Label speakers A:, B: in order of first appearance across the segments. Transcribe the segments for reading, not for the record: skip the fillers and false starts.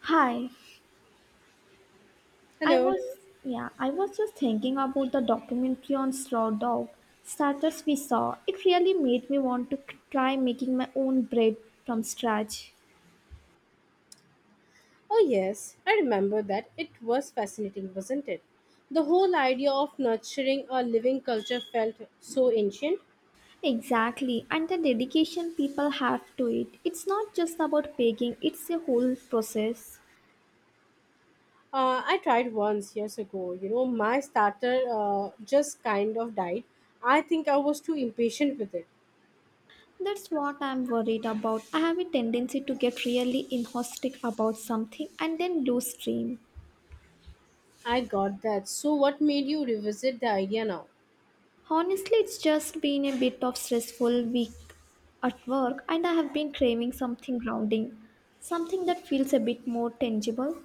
A: Hi, I
B: Hello.
A: was yeah, I was just thinking about the documentary on Straw Dog starters we saw. It really made me want to try making my own bread from scratch.
B: Oh, yes, I remember that. It was fascinating, wasn't it? The whole idea of nurturing a living culture felt so ancient.
A: Exactly, and the dedication people have to it. It's not just about baking, it's a whole process.
B: I tried once years ago. You know, my starter just kind of died. I think I was too impatient with it.
A: That's what I'm worried about. I have a tendency to get really enthusiastic about something and then lose stream.
B: I got that. So, what made you revisit the idea now?
A: Honestly, it's just been a bit of stressful week at work and I have been craving something grounding, something that feels a bit more tangible.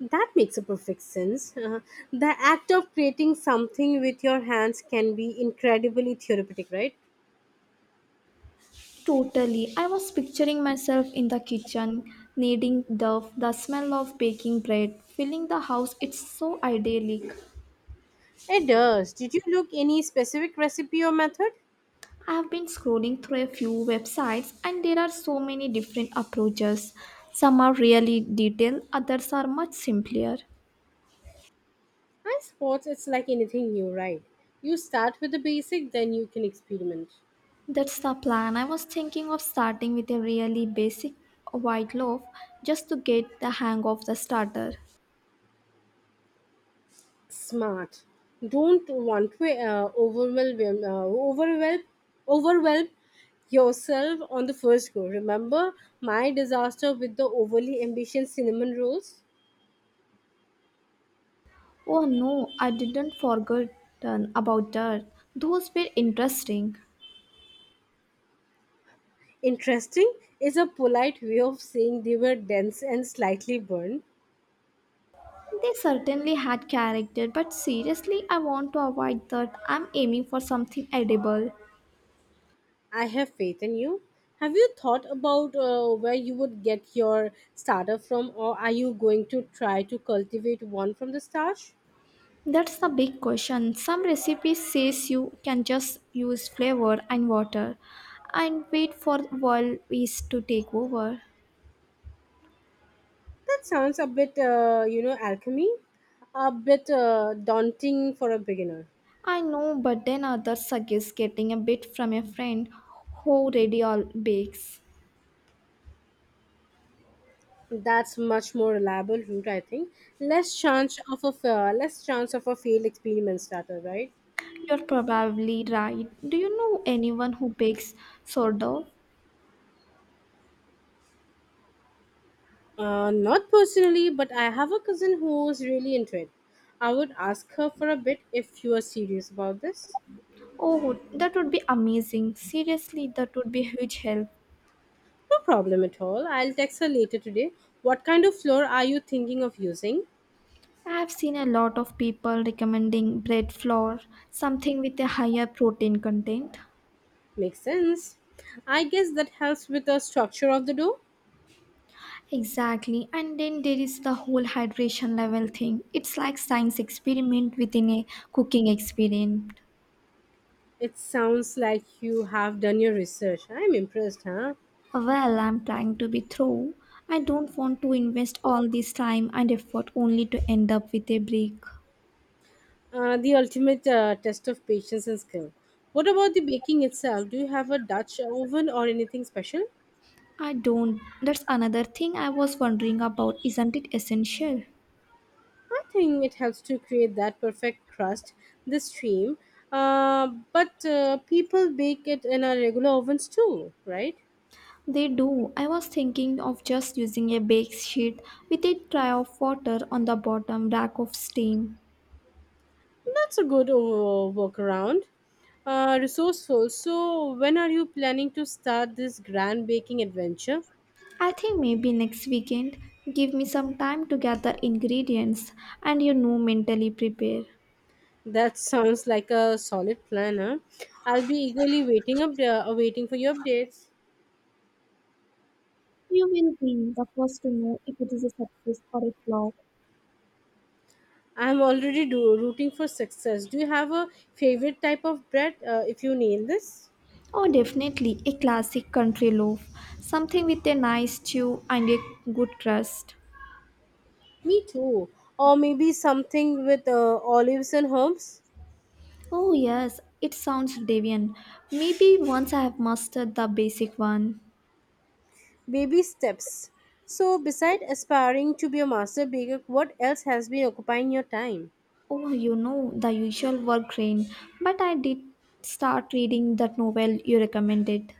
B: That makes a perfect sense. The act of creating something with your hands can be incredibly therapeutic, right?
A: Totally. I was picturing myself in the kitchen, kneading dough, the smell of baking bread, filling the house. It's so idyllic.
B: It does. Did you look any specific recipe or method?
A: I have been scrolling through a few websites and there are so many different approaches. Some are really detailed, others are much simpler.
B: I suppose it's like anything new, right? You start with the basic, then you can experiment.
A: That's the plan. I was thinking of starting with a really basic white loaf just to get the hang of the starter.
B: Smart. Don't want to overwhelm yourself on the first go. Remember my disaster with the overly ambitious cinnamon rolls?
A: Oh no, I didn't forget about dirt. Those were interesting.
B: Interesting is a polite way of saying they were dense and slightly burnt.
A: They certainly had character, but seriously, I want to avoid that. I'm aiming for something edible.
B: I have faith in you. Have you thought about where you would get your starter from, or are you going to try to cultivate one from the starch?
A: That's the big question. Some recipes says you can just use flavor and water and wait for world yeast to take over.
B: That sounds a bit, alchemy, a bit daunting for a beginner.
A: I know, but then others suggest getting a bit from a friend who already all bakes.
B: That's much more reliable route, I think. Less chance of a failed experiment starter, right?
A: You're probably right. Do you know anyone who bakes sourdough?
B: Not personally, but I have a cousin who's really into it. I would ask her for a bit if you are serious about this.
A: Oh, that would be amazing. Seriously, that would be a huge help.
B: No problem at all. I'll text her later today. What kind of floor are you thinking of using?
A: I've seen a lot of people recommending bread flour, something with a higher protein content.
B: Makes sense. I guess that helps with the structure of the door.
A: Exactly, and then there is the whole hydration level thing. It's like science experiment within a cooking experiment.
B: It sounds like you have done your research. I'm impressed, huh?
A: Well, I'm trying to be through. I don't want to invest all this time and effort only to end up with a break.
B: The ultimate test of patience and skill. What about the baking itself? Do you have a Dutch oven or anything special?
A: I don't. That's another thing I was wondering about. Isn't it essential?
B: I think it helps to create that perfect crust, the stream. But people bake it in a regular ovens too, right?
A: They do. I was thinking of just using a bake sheet with a tray of water on the bottom rack of steam.
B: That's a good workaround. Resourceful. So, when are you planning to start this grand baking adventure?
A: I think maybe next weekend, give me some time to gather ingredients and you know mentally prepare.
B: That sounds like a solid plan, huh? I'll be eagerly waiting for your updates.
A: You will be the first to know if it is a success or a flop.
B: I'm already rooting for success. Do you have a favorite type of bread if you nail this?
A: Oh, definitely a classic country loaf, something with a nice stew and a good crust.
B: Me too. Or maybe something with olives and herbs?
A: Oh, yes, it sounds deviant. Maybe once I have mastered the basic one.
B: Baby steps. So, beside aspiring to be a master baker, what else has been occupying your time?
A: Oh, you know, the usual work grain, but I did start reading that novel you recommended.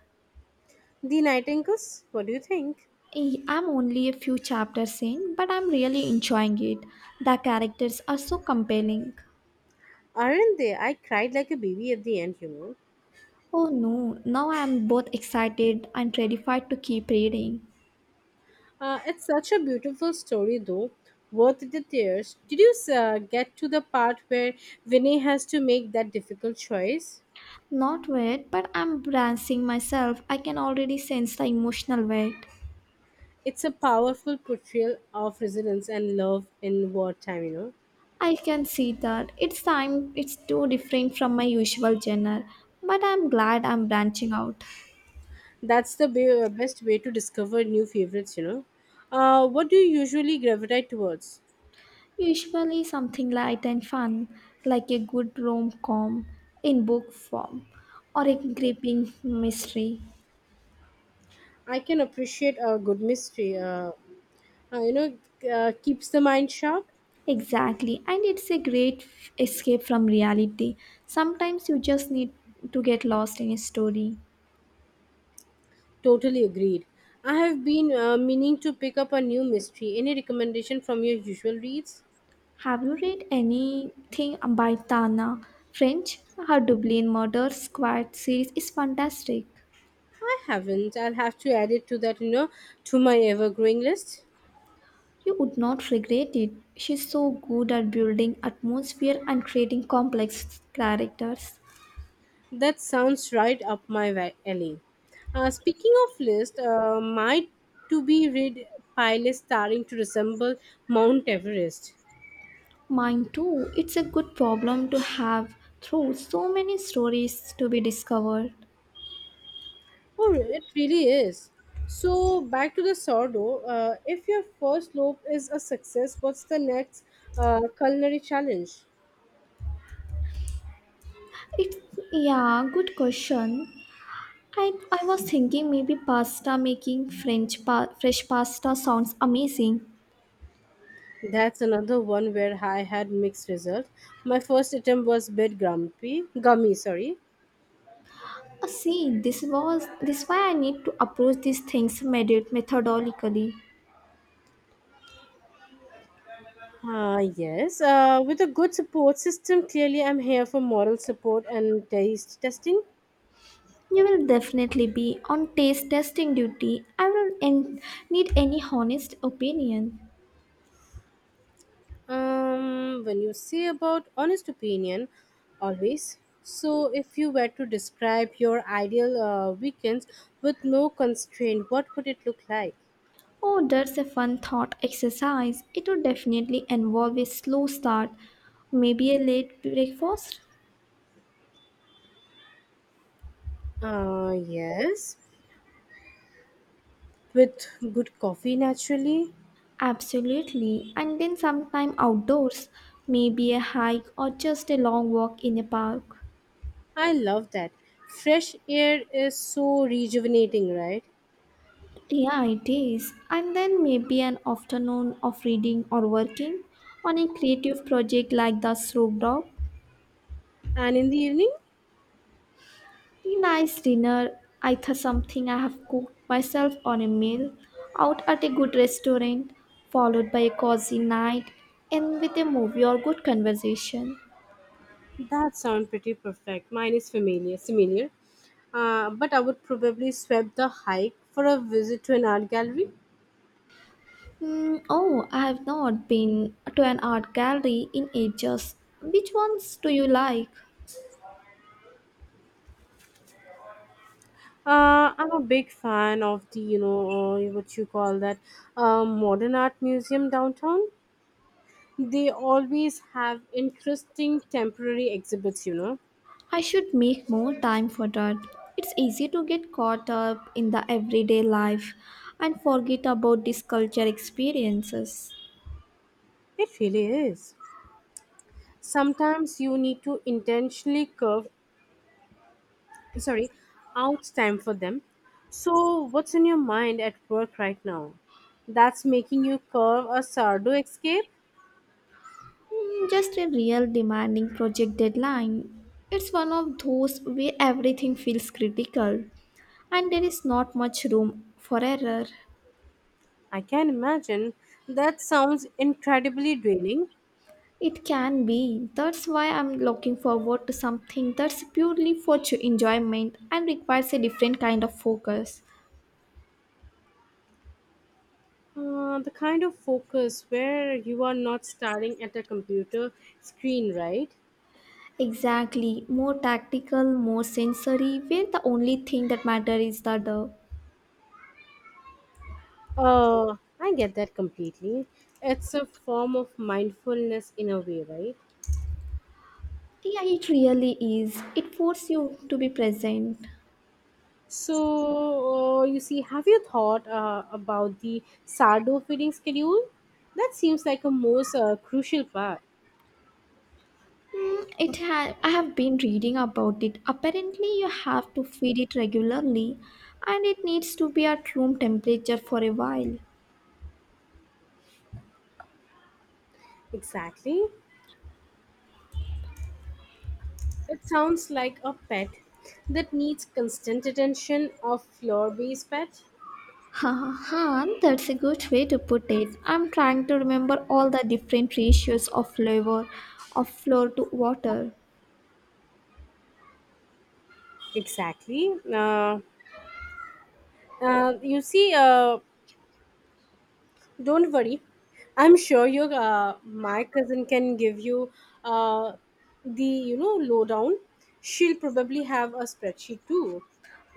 B: The Nightingales? What do you think?
A: Eh, I'm only a few chapters in, but I'm really enjoying it. The characters are so compelling.
B: Aren't they? I cried like a baby at the end, you know.
A: Oh no, now I am both excited and terrified to keep reading.
B: It's such a beautiful story, though. Worth the tears. Did you get to the part where Vinay has to make that difficult choice?
A: Not wet, but I'm bracing myself. I can already sense the emotional weight.
B: It's a powerful portrayal of resilience and love in wartime, you know.
A: I can see that. It's time, it's too different from my usual genre. But I'm glad I'm branching out.
B: That's the best way to discover new favorites, you know. What do you usually gravitate towards?
A: Usually something light and fun, like a good rom com in book form or a gripping mystery.
B: I can appreciate a good mystery. Uh, you know, Keeps the mind sharp.
A: Exactly, and it's a great escape from reality. Sometimes you just need to get lost in a story.
B: Totally agreed. I have been meaning to pick up a new mystery. Any recommendation from your usual reads?
A: Have you read anything by Tana French? Her Dublin Murder Squad series is fantastic.
B: I haven't. I'll have to add it to that, you know, to my ever growing list.
A: You would not regret it. She's so good at building atmosphere and creating complex characters.
B: That sounds right up my alley. Speaking of list, my to be read pile is starting to resemble Mount Everest.
A: Mine too. It's a good problem to have through so many stories to be discovered.
B: Oh, it really is. So back to the sourdough. If your first loaf is a success, what's the next culinary challenge?
A: It's yeah, Good question. I, I was thinking maybe pasta making French fresh pasta sounds amazing.
B: That's another one where I had mixed results. My first attempt was a bit grumpy, gummy, sorry.
A: See, this why I need to approach these things methodically.
B: Ah, yes, with a good support system, clearly I'm here for moral support and taste testing.
A: You will definitely be on taste testing duty. I will need any honest opinion.
B: When you say about honest opinion, always. So, if you were to describe your ideal weekends with no constraint, what would it look like?
A: Oh, that's a fun thought exercise. It would definitely involve a slow start, maybe a late breakfast.
B: Yes, with good coffee naturally.
A: Absolutely, and then sometime outdoors, maybe a hike or just a long walk in a park.
B: I love that. Fresh air is so rejuvenating, right?
A: Yeah, it is. And then maybe an afternoon of reading or working on a creative project like the Snoop Dog.
B: And in the evening?
A: A nice dinner, either something I have cooked myself or a meal out at a good restaurant, followed by a cozy night and with a movie or good conversation.
B: That sounds pretty perfect. Mine is familiar, similar. But I would probably swap the hike for a visit to an art gallery.
A: Hmm. Oh, I have not been to an art gallery in ages. Which ones do you like?
B: I'm a big fan of the, what you call that, modern art museum downtown. They always have interesting temporary exhibits, you know.
A: I should make more time for that. It's easy to get caught up in the everyday life and forget about these culture experiences.
B: It really is. Sometimes you need to intentionally curve, sorry, out time for them. So what's in your mind at work right now that's making you curve a sardo escape?
A: Hmm, just a real demanding project deadline. It's one of those where everything feels critical and there is not much room for error.
B: I can imagine that sounds incredibly draining.
A: It can be. That's why I'm looking forward to something that's purely for enjoyment and requires a different kind of focus.
B: The kind of focus where you are not staring at a computer screen, right?
A: Exactly, more tactical, more sensory, where the only thing that matters is the dough.
B: I get that completely. It's a form of mindfulness in a way, right?
A: Yeah, it really is. It forces you to be present.
B: So, you see, have you thought about the sourdough feeding schedule? That seems like a most crucial part.
A: Mm, I have been reading about it. Apparently, you have to feed it regularly, and it needs to be at room temperature for a while.
B: Exactly. It sounds like a pet that needs constant attention of floor-based pet.
A: Ha ha ha, that's a good way to put it. I'm trying to remember all the different ratios of flavor of flour to water.
B: Exactly. You see, don't worry. I'm sure your my cousin can give you uh, the lowdown. She'll probably have a spreadsheet too.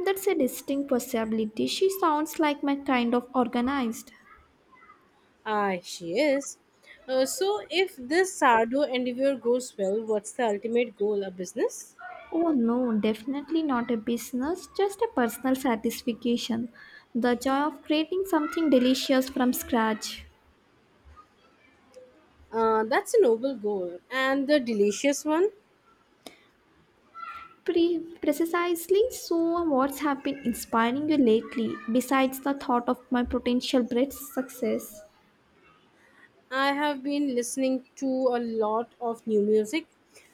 A: That's a distinct possibility. She sounds like my kind of organized.
B: Ah, she is. So, if this Sardo endeavor goes well, what's the ultimate goal? A business?
A: Oh no, definitely not a business, just a personal satisfaction. The joy of creating something delicious from scratch.
B: That's a noble goal. And the delicious one?
A: Precisely, so what's have been inspiring you lately, besides the thought of my potential bread success?
B: I have been listening to a lot of new music.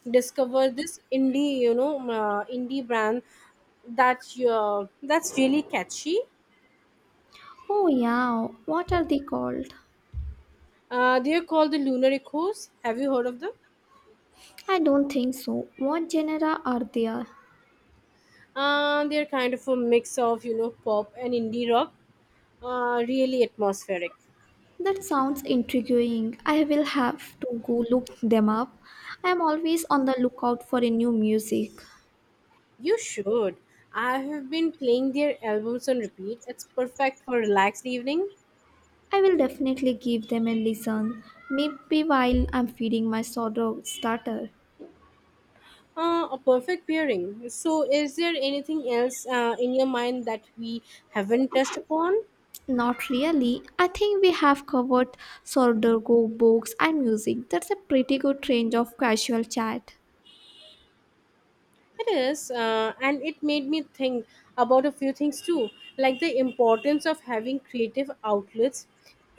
B: Discover this indie, indie brand that's really catchy.
A: Oh yeah, what are they called?
B: They're called the Lunar Echoes. Have you heard of them?
A: I don't think so. What genera are there?
B: They're kind of a mix of pop and indie rock. Really atmospheric.
A: That sounds intriguing. I will have to go look them up. I am always on the lookout for a new music.
B: You should. I have been playing their albums on repeat. It's perfect for relaxed evening.
A: I will definitely give them a listen, maybe while I'm feeding my sourdough starter.
B: A perfect pairing. So, is there anything else in your mind that we haven't touched upon?
A: Not really. I think we have covered sourdough books and music. That's a pretty good range of casual chat.
B: It is, and it made me think about a few things too, like the importance of having creative outlets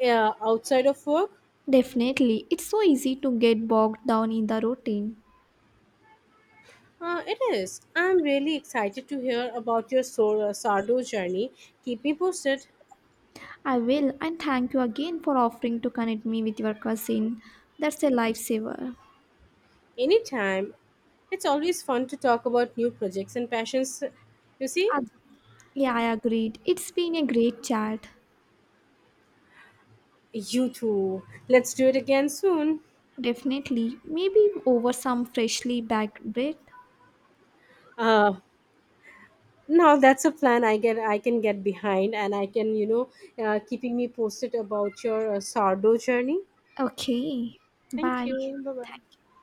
B: outside of work.
A: Definitely. It's so easy to get bogged down in the routine.
B: It is. I'm really excited to hear about your Sardo journey. Keep me posted.
A: I will, and thank you again for offering to connect me with your cousin. That's a lifesaver.
B: Anytime. It's always fun to talk about new projects and passions. You see?
A: Ag- yeah, I agreed. It's been a great chat.
B: You too. Let's do it again soon.
A: Definitely. Maybe over some freshly baked bread.
B: Uh, Now that's a plan I can get behind, and I can keeping me posted about your sourdough journey.
A: Okay.
B: Thank
A: Bye.
B: you. Bye bye.
A: Thank you.